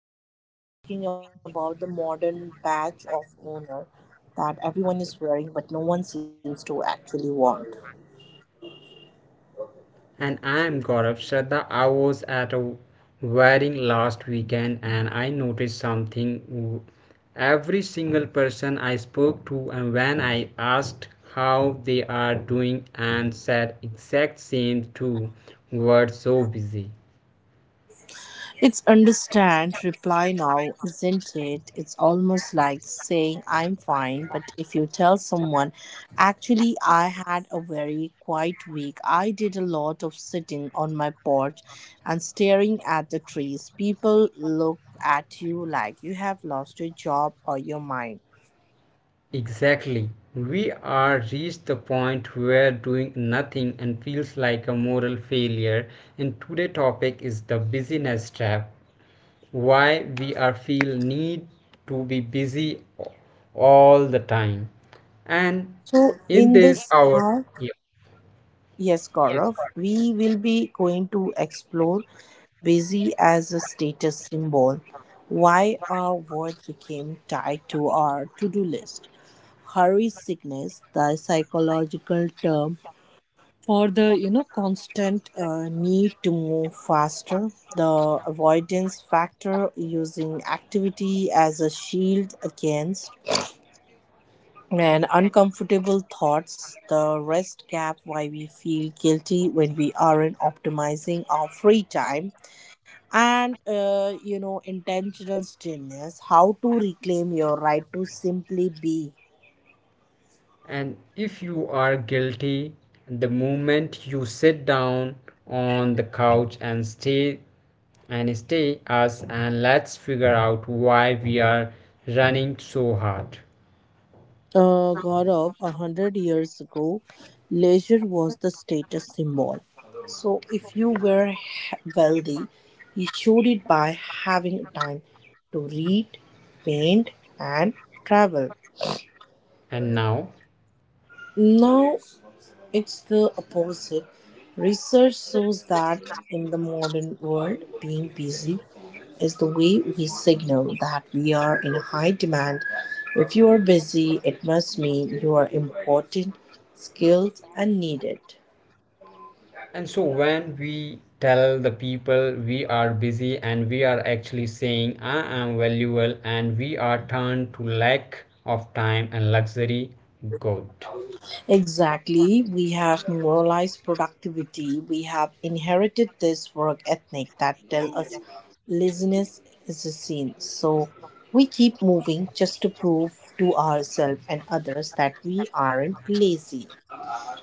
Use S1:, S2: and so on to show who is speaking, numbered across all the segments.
S1: and today we are talking about the modern badge of honor that everyone is wearing but no one seems to actually want.
S2: And I'm Gaurav Shraddha. I was at a wedding last weekend and I noticed something. Every single person I spoke to, and when I asked how they are doing, and said exact same two words, so busy.
S1: It's understand reply now, isn't it? It's almost like saying I'm fine, but if you tell someone, actually, I had a very quiet week. I did a lot of sitting on my porch and staring at the trees. People look at you like you have lost your job or your mind.
S2: Exactly. We are reached the point where doing nothing and feels like a moral failure. And today's topic is the busyness trap. Why we are feel need to be busy all the time and
S1: So,
S2: in
S1: in
S2: this
S1: this
S2: hour,
S1: hour,
S2: yeah,
S1: yes,
S2: yes,
S1: Gaurav,
S2: correct.
S1: we will be going to explore busy as a status symbol, why our work became tied to our to do list. Hurry sickness, the psychological term for the constant need to move faster, the avoidance factor, using activity as a shield against and uncomfortable thoughts, the rest gap, why we feel guilty when we aren't optimizing our free time, and intentional stillness, how to reclaim your right to simply be.
S2: And if you are guilty the moment you sit down on the couch and stay us, and let's figure out why we are running so hard
S1: Gaurav, a hundred years ago, leisure was the status symbol. So if you were wealthy, you showed it by having time to read, paint, and travel.
S2: and now.
S1: No, it's the opposite. Research shows that in the modern world, being busy is the way we signal that we are in high demand. If you are busy, it must mean you are important, skilled, and needed.
S2: And so when we tell the people we are busy, and we are actually saying I am valuable and we are turned to lack of time and luxury, good.
S1: Exactly. We have moralized productivity. We have inherited this work ethic that tell us laziness is a sin. So we keep moving just to prove to ourselves and others that we aren't lazy.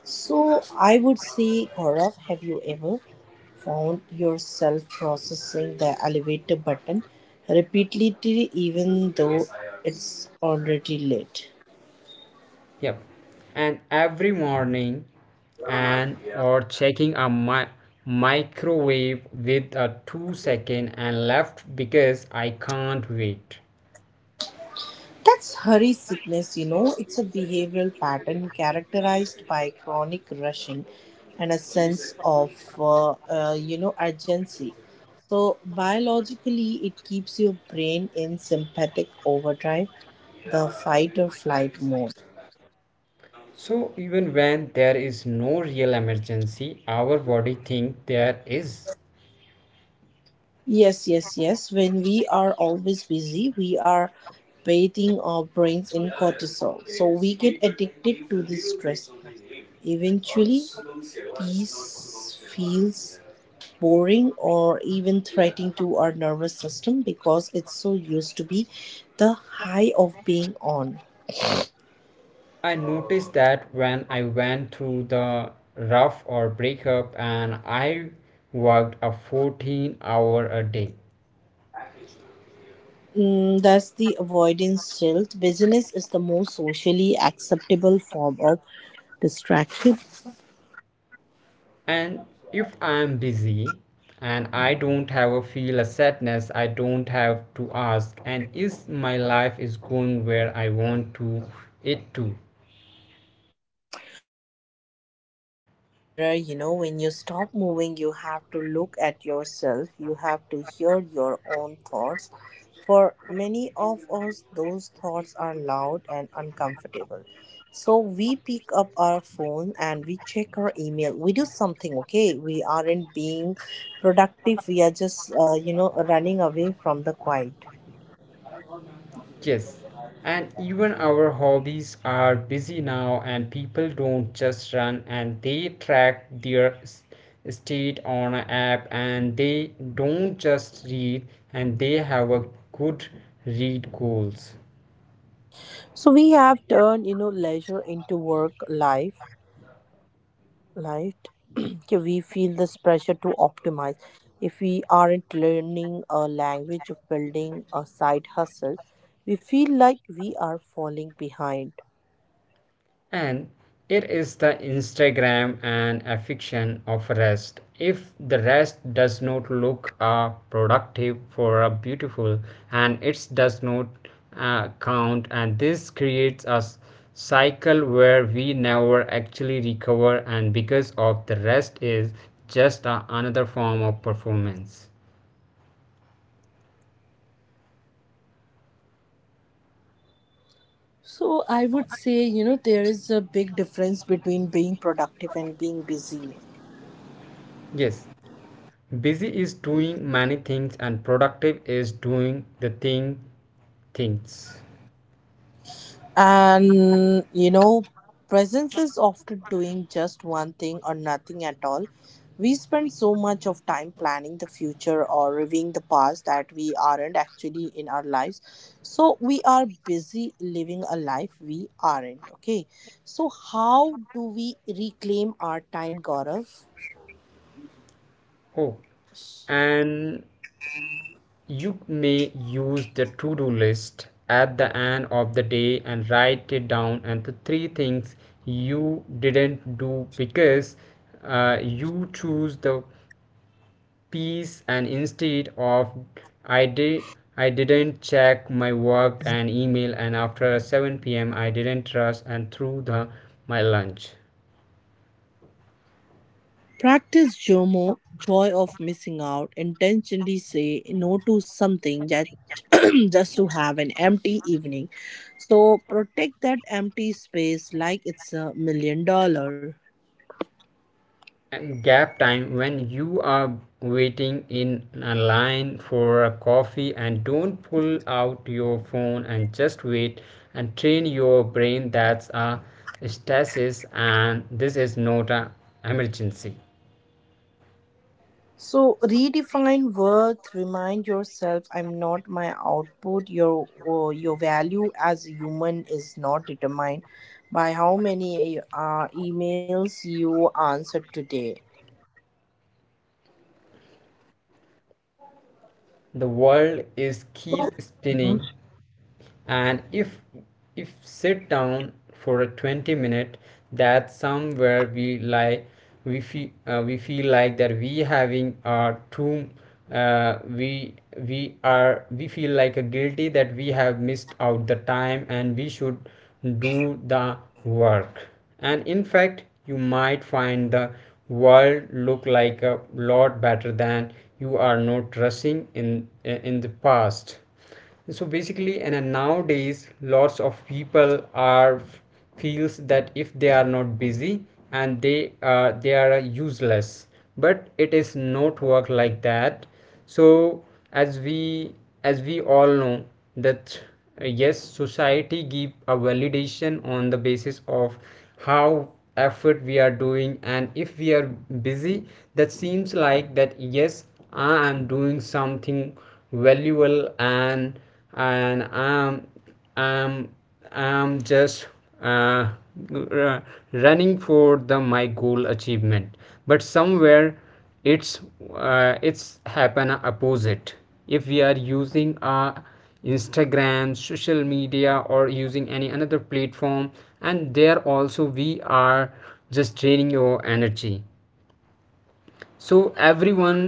S1: So I would say, Gaurav, have you ever found yourself processing the elevator button repeatedly even though it's already late?
S2: Yep. And every morning and or checking a microwave with a 2 second and left because I can't wait.
S1: That's hurry sickness, you know. It's a behavioral pattern characterized by chronic rushing and a sense of, uh, urgency. So, biologically, it keeps your brain in sympathetic overdrive, the fight or flight mode.
S2: So even when there is no real emergency, our body think there is.
S1: Yes. When we are always busy, we are bathing our brains in cortisol. So, we get addicted to this stress. Eventually, peace feels boring or even threatening to our nervous system because it's so used to be the high of being on.
S2: I noticed that when I went through the rough or breakup and I worked a 14 hour a day.
S1: That's the avoidance tilt. Busyness is the most socially acceptable form of distraction.
S2: And if I am busy and I don't have a feel a sadness, I don't have to ask and is my life is going where I want to it to.
S1: Stillness is like a mirror, you know, when you stop moving, you have to look at yourself, you have to hear your own thoughts. For many of us, those thoughts are loud and uncomfortable. So we pick up our phone and we check our email. We do something, okay? We aren't being productive, we are just, running away from the quiet.
S2: Yes, and even our hobbies are busy now, and people don't just run and they track their state on an app, and they don't just read and they have a good read goals.
S1: So we have turned, you know, leisure into work life, right. Okay, we feel this pressure to optimize. If we aren't learning a language or building a side hustle, we feel like we are falling behind.
S2: And it is the Instagram and affection of rest. If the rest does not look productive for a beautiful and it does not count, and this creates a cycle where we never actually recover, and because of the rest is just another form of performance.
S1: So I would say, you know, there is a big difference between being productive and being busy.
S2: Yes, busy is doing many things, and productive is doing the thing things.
S1: And you know, presence is often doing just one thing or nothing at all. We spend so much of time planning the future or reviewing the past that we aren't actually in our lives. So we are busy living a life we aren't. Okay. So, how do we reclaim our time, Gaurav?
S2: Oh, and you may use the to do list at the end of the day and write it down and the three things you didn't do because you choose the piece, and instead of I didn't check my work and email, and after 7 p.m. I didn't rush and through the my lunch.
S1: Practice JOMO, joy of missing out. Intentionally say no to something that just to have an empty evening. So protect that empty space like it's a million dollars.
S2: And gap time when you are waiting in a line for a coffee and don't pull out your phone and just wait, and train your brain that's a stasis and this is not a emergency.
S1: So redefine worth. Remind yourself, I'm not my output. Your value as a human is not determined by how many emails you answered today.
S2: The world is keep
S1: So
S2: spinning, and if sit down for a 20 minute, that's somewhere we like we feel like that we having a too, uh, we we feel like a guilty that we have missed out the time and we should do the work. And in fact you might find the world look like a lot better than you are not rushing in the past. So basically and nowadays lots of people are feels that if they are not busy and they are useless, but it is not work like that. So as we as we all know that yes society give a validation on the basis of how effort we are doing, and if we are busy that seems like that, yes, I am doing something valuable, and i'm I'm just uh, r- running for the my goal achievement. But somewhere it's it's happen opposite if we are using Instagram, social media, or using any another platform, and there also we are just draining your energy. So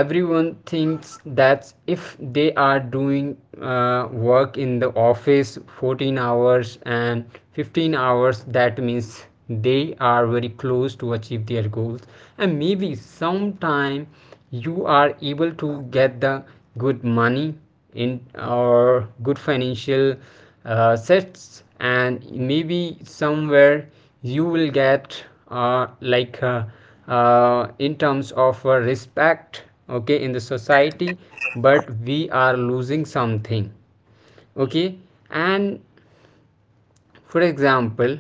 S2: everyone thinks that if they are doing work in the office 14 hours and 15 hours, that means they are very close to achieve their goals. And maybe sometime you are able to get the good money in or good financial sets, and maybe somewhere you will get like in terms of respect, okay, in the society, but we are losing something, okay. And for example,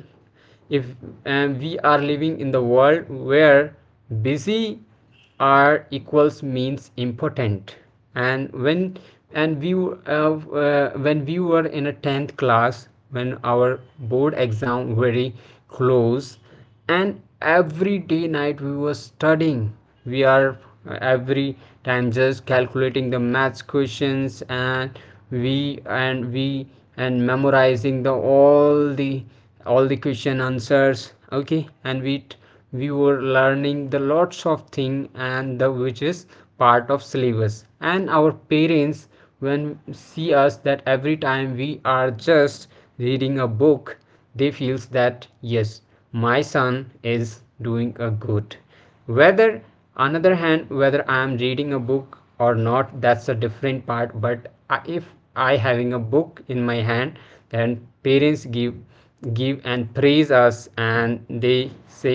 S2: if we are living in the world where busy are equals means important. And when and we w- uh, uh, when we were in a 10th class when our board exam very close, and every day night we were studying, we are every time just calculating the maths questions, and we and we and memorizing the all the question answers, okay. And we were learning the lots of thing, and the which is part of syllabus. And our parents when see us that every time we are just reading a book, they feels that, yes, my son is doing a good. Whether another hand, whether I am reading a book or not, that's a different part. But if I having a book in my hand, then parents give and praise us, and they say,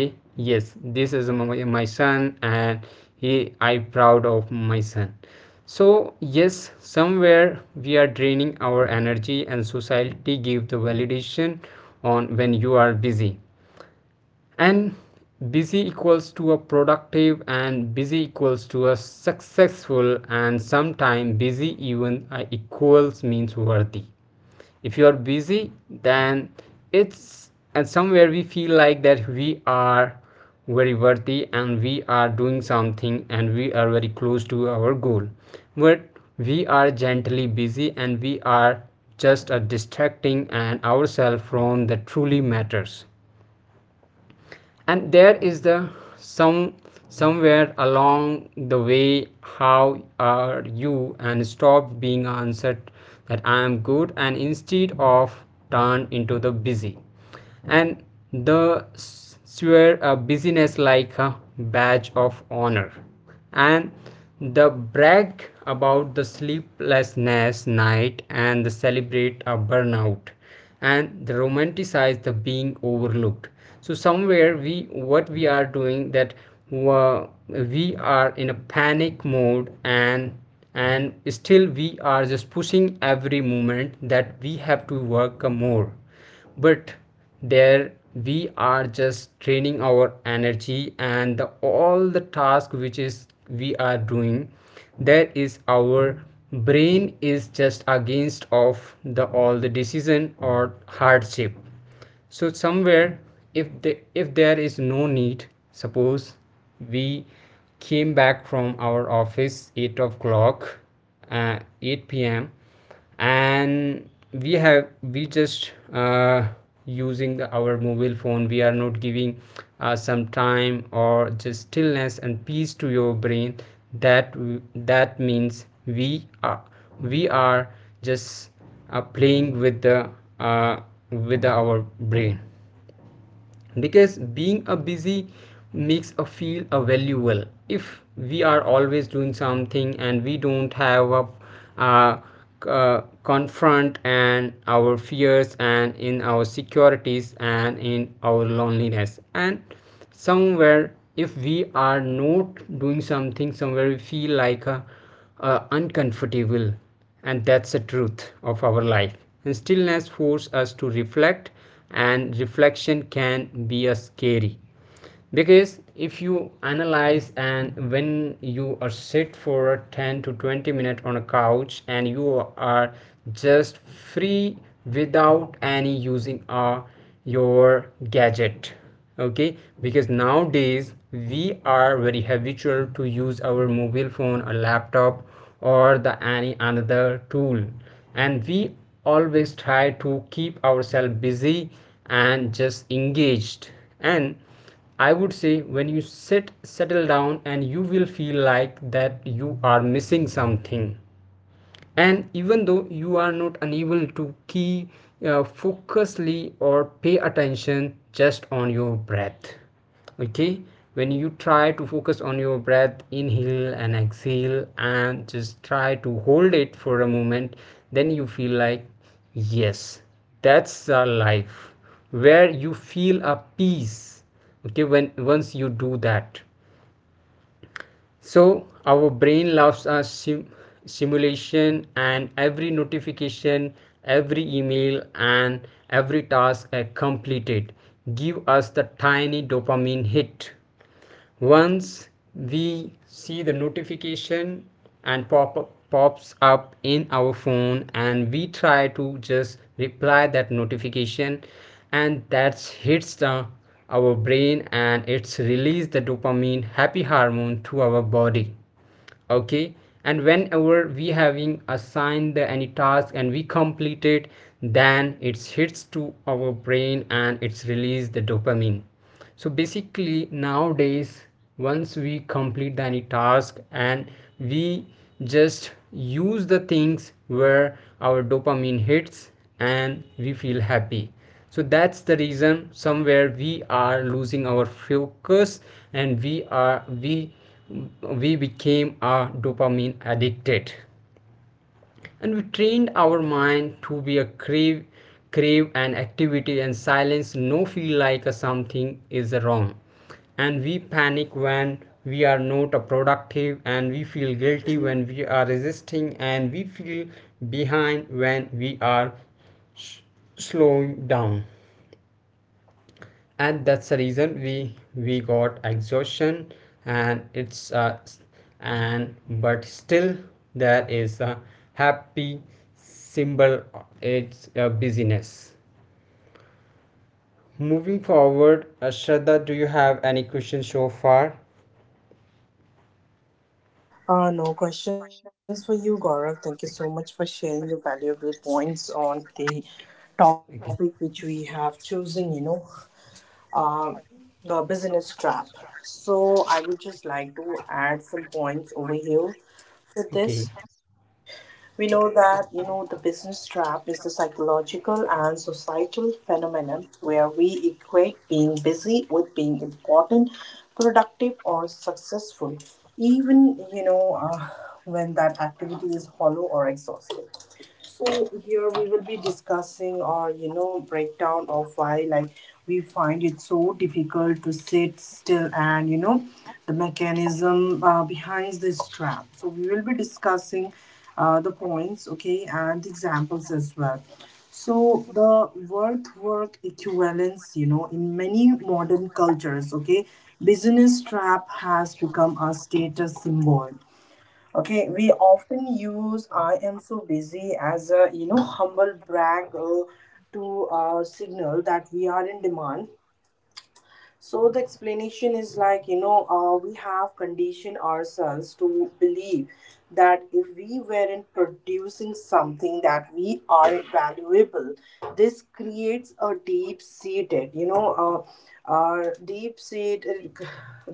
S2: yes, this is my son and he I proud of my son. So yes, somewhere we are draining our energy and society give the validation on when you are busy. And busy equals to a productive, and busy equals to a successful, and sometimes busy even equals means worthy. If you are busy, then it's, and somewhere we feel like that we are very worthy and we are doing something and we are very close to our goal. But we are gently busy and we are just distracting and ourselves from the truly matters. And there is the some somewhere along the way how are you and stop being answered that I am good, and instead of turn into the busy and the swear a busyness like a badge of honor, and the brag about the sleeplessness night and the celebrate a burnout, and they romanticize the being overlooked. So somewhere we what we are doing that we are in a panic mode, and still we are just pushing every moment that we have to work more. But there we are just draining our energy, and all the task which is we are doing, there is our brain is just against of the all the decision or hardship. So somewhere if there is no need, suppose we came back from our office 8 o'clock, 8 p.m., and we have we just using our mobile phone. We are not giving some time or just stillness and peace to your brain. that that means we are we are just playing with the uh, with our brain, because being a busy makes us feel a valuable. If we are always doing something and we don't have a uh, confront and our fears and in our securities and in our loneliness. And somewhere if we are not doing something, somewhere we feel like a are uncomfortable, and that's the truth of our life. And stillness forces us to reflect, and reflection can be a scary, because if you analyze and when you are sit for 10 to 20 minutes on a couch, and you are just free without any using your gadget, okay, because nowadays we are very habitual to use our mobile phone a laptop or the any another tool. And we always try to keep ourselves busy and just engaged. And I would say when you sit settle down, and you will feel like that you are missing something, and even though you are not unable to key focusly or pay attention just on your breath, okay. When you try to focus on your breath, inhale and exhale, and just try to hold it for a moment, then you feel like, yes, that's a life where you feel a peace, okay. When once you do that, so our brain loves a simulation. And every notification, every email, and every task I completed give us the tiny dopamine hit. Once we see the notification and pop up, pops up in our phone and we try to just reply that notification and that hits the our brain and it's release the dopamine happy hormone to our body, okay. And whenever we having assigned the any task and we complete it, then it hits to our brain and it's release the dopamine. So basically nowadays once we complete any task and we just use the things where our dopamine hits and we feel happy. So that's the reason somewhere we are losing our focus, and we we became a dopamine addicted, and we trained our mind to be a crave an activity, and silence no feel like a something is wrong. And we panic when we are not a productive, and we feel guilty when we are resisting, and we feel behind when we are s- slowing down. And that's the reason we got exhaustion, and it's and but still there is a happy symbol, it's a busyness. Moving forward, Shraddha, do you have any questions so far?
S1: No questions for you, Gaurav. Thank you so much for sharing your valuable points on the topic
S2: Okay.
S1: which we have chosen, you know, uh, the business trap. So, I would just like to add some points over here to this.
S2: Okay.
S1: We know that, you know, the business trap is the psychological and societal phenomenon where we equate being busy with being important, productive, or successful, even, when that activity is hollow or exhausting. So here we will be discussing or you know breakdown of why like we find it so difficult to sit still and you know the mechanism behind this trap. So we will be discussing the points, okay, and the examples as well. So the worth work equivalence, you know, in many modern cultures, okay, business trap has become a status symbol. Okay, we often use I am so busy as a, you know, humble brag, to signal that we are in demand. So the explanation is like, you know, we have conditioned ourselves to believe that if we weren't producing something that we are valuable. This creates a deep seated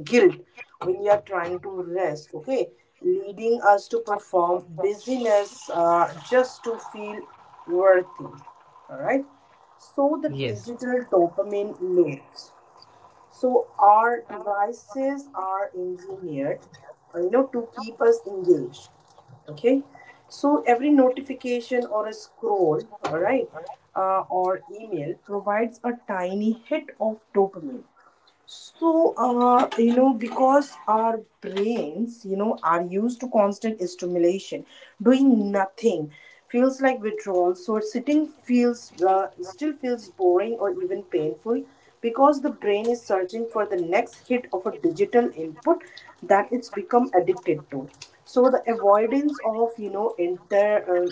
S1: guilt when you are trying to rest, okay, leading us to perform busyness just to feel worthy. All right. So the
S2: Yes.
S1: digital dopamine loop. So our devices are engineered, you know, to keep us engaged. Okay. So every notification or a scroll, all right, or email provides a tiny hit of dopamine. So, you know, because our brains, you know, are used to constant stimulation, doing nothing feels like withdrawal. So, sitting feels still feels boring or even painful because the brain is searching for the next hit of a digital input that it's become addicted to. So, the avoidance of, you know, uh,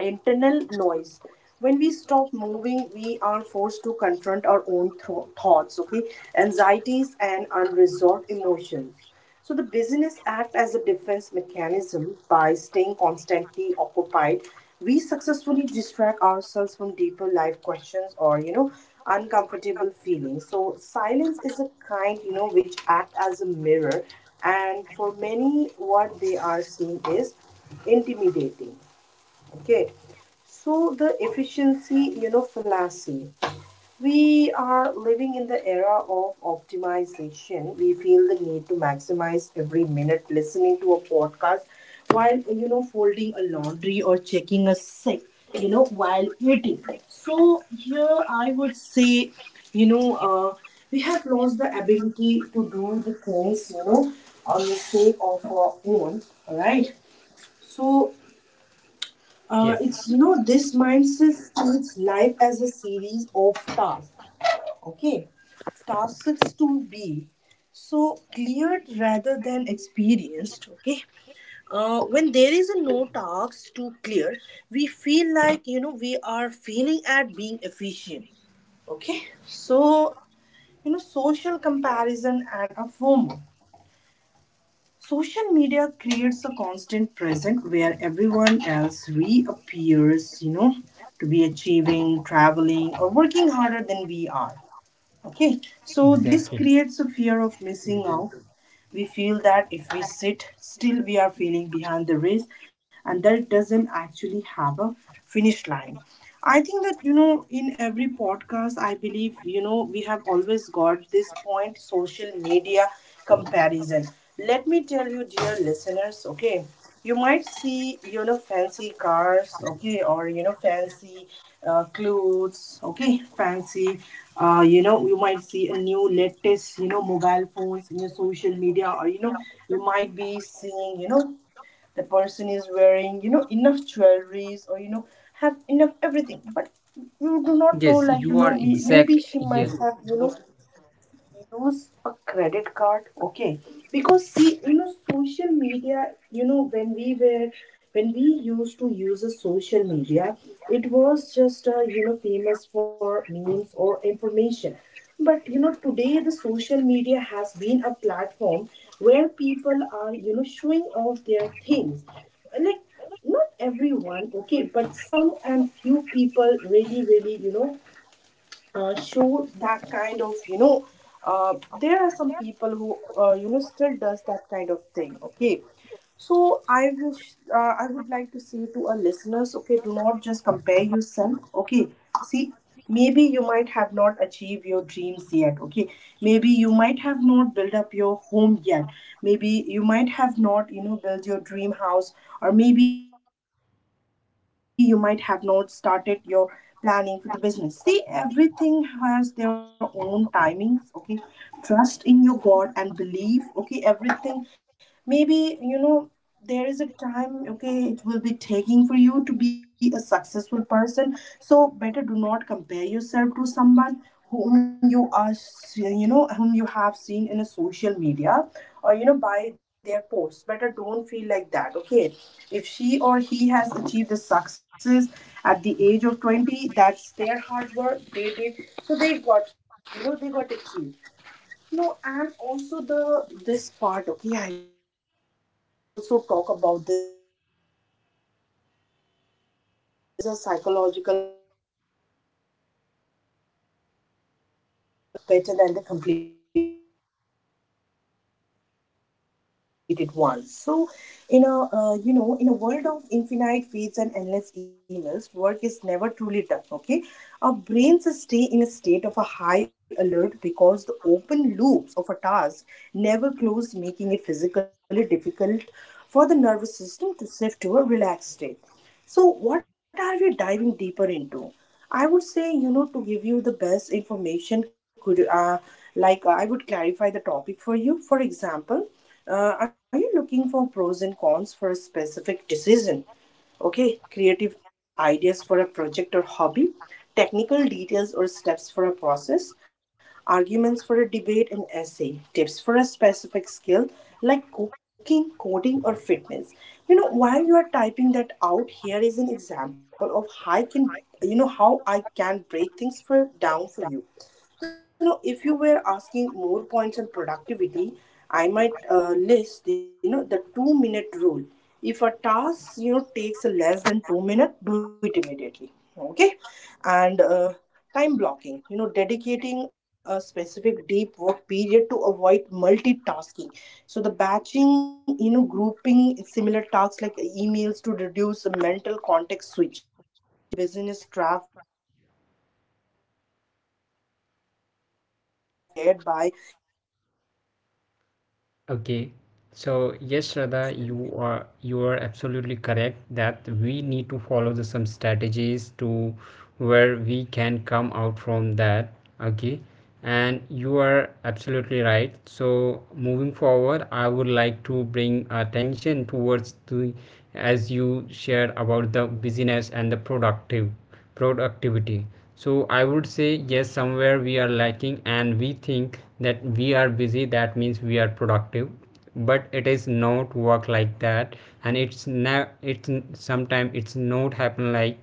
S1: internal noise, when we stop moving we are forced to confront our own thoughts, okay, anxieties and unresolved emotions. So the busyness act as a defense mechanism. By staying constantly occupied we successfully distract ourselves from deeper life questions or you know uncomfortable feelings. So silence is a kind you know which act as a mirror, and for many what they are seeing is intimidating. Okay, so the efficiency, you know, fallacy. We are living in the era of optimization. We feel the need to maximize every minute, listening to a podcast while, you know, folding a laundry or checking a sick, you know, while eating. So here I would say, you know, we have lost the ability to do the things, you know, on the sake of our own, all right? So
S2: Yes.
S1: it's you know this mindset treats life as a series of tasks. Okay, tasks to be so cleared rather than experienced. Okay, when there is a no tasks to clear, we feel like you know we are failing at being efficient. Okay, so you know social comparison and a FOMO. Social media creates a constant present where everyone else reappears, you know, to be achieving, traveling, or working harder than we are. Okay, so this
S2: Exactly.
S1: creates a fear of missing out. We feel that if we sit still we are feeling behind the race, and that doesn't actually have a finish line. I think that you know in every podcast I believe you know we have always got this point, social media comparison. Let me tell you dear listeners, okay, you might see you know fancy cars, okay, or you know fancy clothes, okay, fancy, you know, you might see a new latest you know mobile phones in your social media, or you know you might be seeing you know the person is wearing you know enough jewelries or you know have enough everything, but you do not know
S2: Yes,
S1: like you
S2: you
S1: know
S2: are
S1: maybe
S2: exactly.
S1: she might
S2: Yeah.
S1: have you know use a credit card, okay. Because see you know social media you know when we used to use a social media it was just you know famous for memes or information, but you know today the social media has been a platform where people are you know showing off their things, like not everyone, okay, but some and few people really really you know show that kind of you know there are some people who you know still does that kind of thing, okay. So I wish, I would like to say to our listeners, okay, do not just compare yourself, okay. See, maybe you might have not achieved your dreams yet, okay, maybe you might have not built up your home yet, maybe you might have not you know built your dream house, or maybe you might have not started your planning for the business. See everything has their own timings, okay. Trust in your God and believe, okay, everything, maybe you know there is a time, okay, it will be taking for you to be a successful person. So better do not compare yourself to someone whom you are you know whom you have seen in a social media or you know by their posts. Better don't feel like that, okay. If she or he has achieved the success at the age of 20, that's their hard work they did, so they got you know they got achieved. No, and also the this part, okay, I would say this Zagarnik effect, okay, we have also talked about this in a many way. So I would also say you know this is a psychological phenomenon where our brains remember uncompleted tasks better than the completed ones. So in a, you know, in a world of infinite feeds and endless emails work is never truly done, okay. Our brains stay in a state of a high alert because the open loops of a task never close, making it physically difficult for the nervous system to shift to a relaxed state. So, what are we diving deeper into? I would say, you know, to give you the best information, could like I would clarify the topic for you. For example, uh, are you looking for pros and cons for a specific decision? Okay, creative ideas for a project or hobby, technical details or steps for a process, arguments for a debate and essay, tips for a specific skill like cooking, coding or fitness. You know while you are typing that out, here is an example of how I can, you know, how I can break things for down for you. You know, if you were asking more points on productivity, I might list, you know, the 2 minute rule. If a task, you know, takes less than 2 minutes, do it immediately. Okay. And time blocking, you know, dedicating a specific deep work period to avoid multitasking. So the batching, you know, grouping similar tasks like emails to reduce mental context switching. So like through this you know topic the business draft you know like each and everything has been you know shared by me and
S2: Okay,
S1: my co-host
S2: so yes,
S1: Gaurav.
S2: Shraddha,
S1: I
S2: you are
S1: believe
S2: you are
S1: like
S2: absolutely correct that we need to follow the, some strategies to where we can come out from
S1: mhm.
S2: that. Okay, and you are absolutely right. So moving forward, I would like to bring attention towards the, as you shared about the business and the productive productivity. So I would say yes, somewhere we are lacking and we think that we are busy, that means we are productive, but it is not work like that. And it's now it's sometimes it's not happen like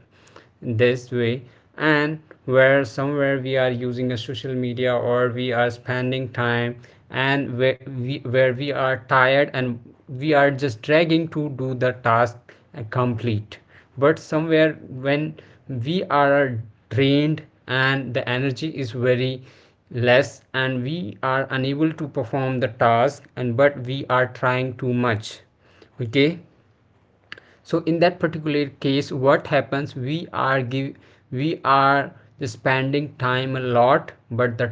S2: this way. And where somewhere we are using a social media or we are spending time, and where we are tired, and we are just dragging to do the task complete. But somewhere when we are drained and the energy is very less and we are unable to perform the task and but we are trying too much, okay. So in that particular case, what happens, we are spending time a lot, but the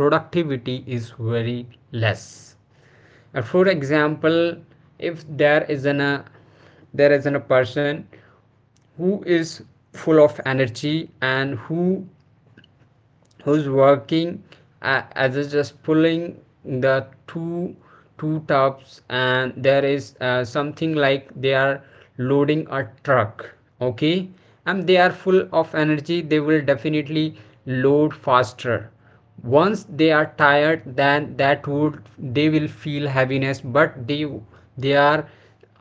S2: productivity is very less. For example, if there is an a person who is full of energy and who's working as a just pulling the two tops, and there is something like they are loading a truck, okay, and they are full of energy, they will definitely load faster. Once they are tired, then that would they will feel heaviness, but they are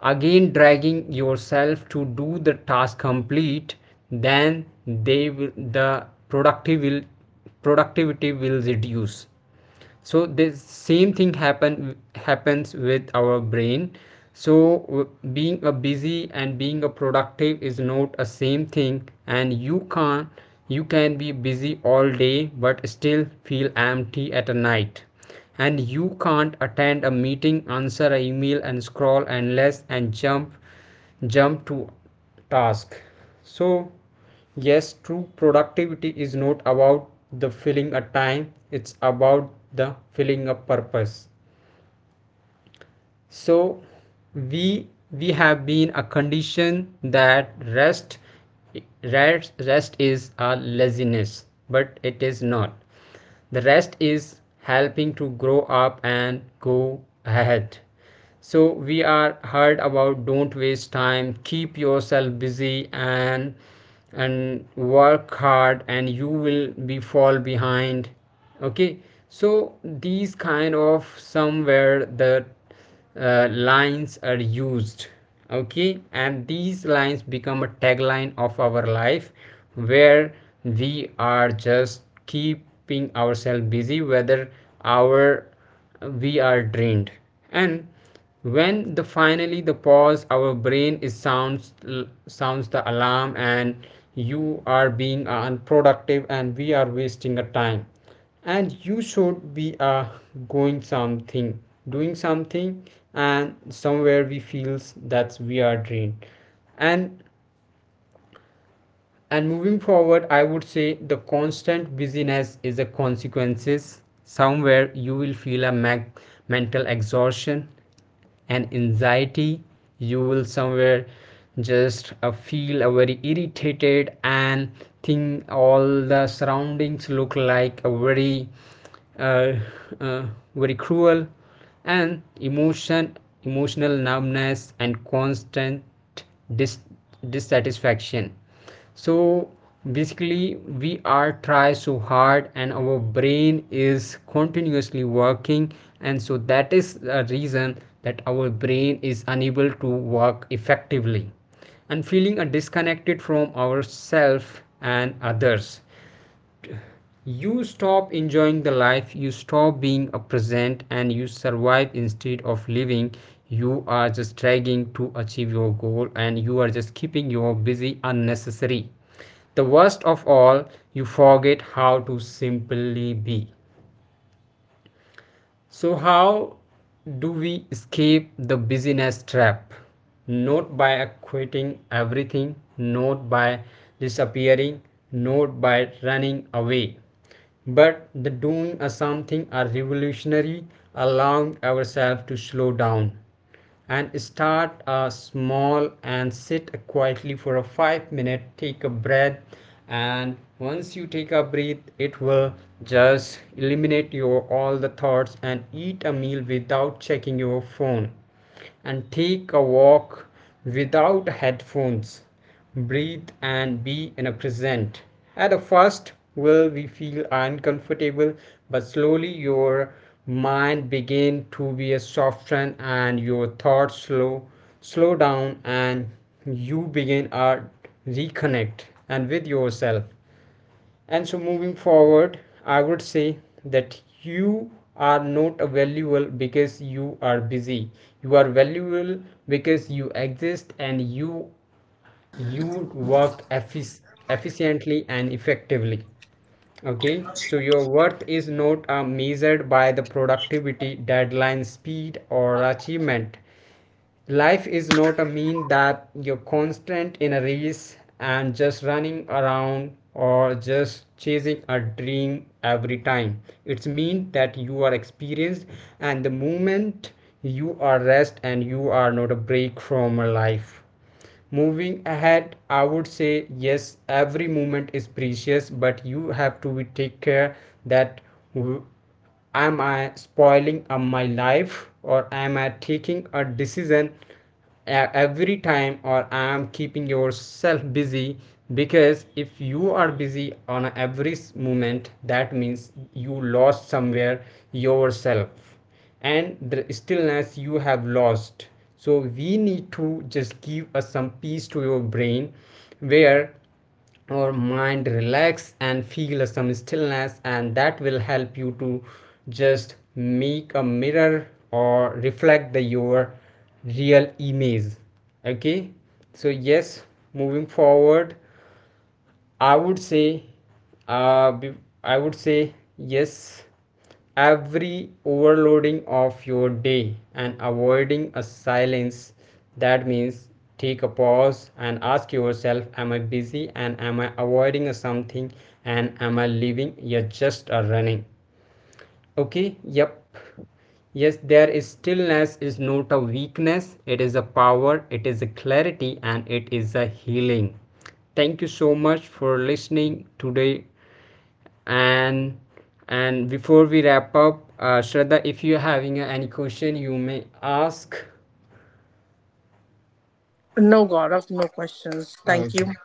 S2: again dragging yourself to do the task complete, then they will the productive will productivity will reduce. So the same thing happens with our brain. So being a busy and being a productive is not a same thing, and you can't, you can be busy all day but still feel empty at a night. And you can't attend a meeting, answer an email, and scroll endless, and jump to task. So yes, true productivity is not about the filling a time, it's about the filling a purpose. So we have been a condition that rest is a laziness, but it is not. The rest is helping to grow up and go ahead. So we are heard about, don't waste time, keep yourself busy, and work hard and you will be fall behind. Okay, so these kind of somewhere the lines are used, okay, and these lines become a tagline of our life, where we are just keeping ourselves busy whether our we are drained. And when the finally the pause, our brain is sounds the alarm, and you are being unproductive and we are wasting a time, and you should be going something, doing something. And somewhere we feels that we are drained. and and moving forward, I would say the constant busyness is a consequences, somewhere you will feel a mental exhaustion and anxiety. You will somewhere just feel a very irritated and think all the surroundings look like a very uh, uh, very cruel, and emotional numbness and constant dis- dissatisfaction. So basically we are try so hard and our brain is continuously working, and so that is the reason that our brain is unable to work effectively and feeling a disconnected from ourselves and others. You stop enjoying the life, you stop being a present, and you survive instead of living. You are just dragging to achieve your goal, and you are just keeping your busy unnecessary. The worst of all, you forget how to simply be. So, how do we escape the busyness trap? Not by quitting everything, not by disappearing, not by running away, but the doing a something a revolutionary, allowing ourselves to slow down and start small and sit quietly for a 5 minute, take a breath. And once you take a breath, it will just eliminate your all the thoughts, and eat a meal without checking your phone, and take a walk without headphones. Breathe and be in a present. At the first, will we feel uncomfortable, but slowly your mind begin to be softened and your thoughts slow down, and you begin a reconnect and with yourself. And so moving forward, I would say that you are not valuable because you are busy. You are valuable because you exist, and you work efficiently and effectively. Okay, so your worth is not measured by the productivity, deadline, speed, or achievement. Life is not a mean that you're constant in a race and just running around or just chasing a dream every time. It's mean that you are experienced and the moment you are rest and you are not a break from a life. Moving ahead, I would say yes, every moment is precious, but you have to take care that, am I spoiling my life, or am I taking a decision every time, or I am keeping yourself busy? Because if you are busy on every moment, that means you lost somewhere yourself and the stillness you have lost. So we need to just give us some peace to your brain, where our mind relax and feel some stillness, and that will help you to just make a mirror or reflect the your real image. Okay, so yes, moving forward, I would say, uh, be- I would say yes. Every overloading of your day and avoiding a silence, that means take a pause and ask yourself, am I busy, and am I avoiding something, and am I living? You're just a running. Okay, yep. Yes, there is stillness is not a weakness, it is a power, it is a clarity, and it is a healing. Thank you so much for listening today. And before we wrap up, Shraddha, if you're having any question, you may ask.
S3: No, Gaurav, no questions. Thank
S2: Okay.
S3: you.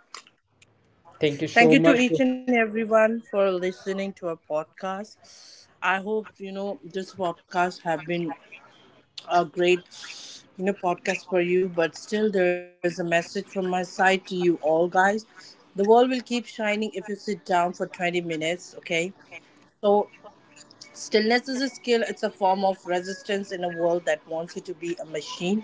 S2: Thank you so
S3: Thank you
S2: much.
S3: to
S2: For-
S3: each and everyone for listening to our podcast. I hope this podcast have been a great podcast for you, but still there is a message from my side to you all guys. The world will keep shining if you sit down for 20 minutes, okay? So stillness is a skill, it's a form of resistance in a world that wants you to be a machine.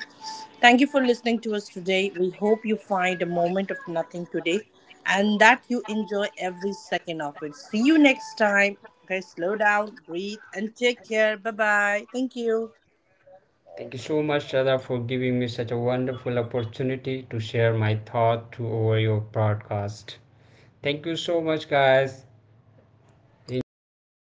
S3: Thank you for listening to us today. We hope you find a moment of nothing today and that you enjoy every second of it. See you next time. Okay, slow down, breathe, and take care. Bye bye. Thank you.
S2: Thank you so much, Shada, for giving me such a wonderful opportunity to share my thought to over your broadcast. Thank you so much, guys. Enjoy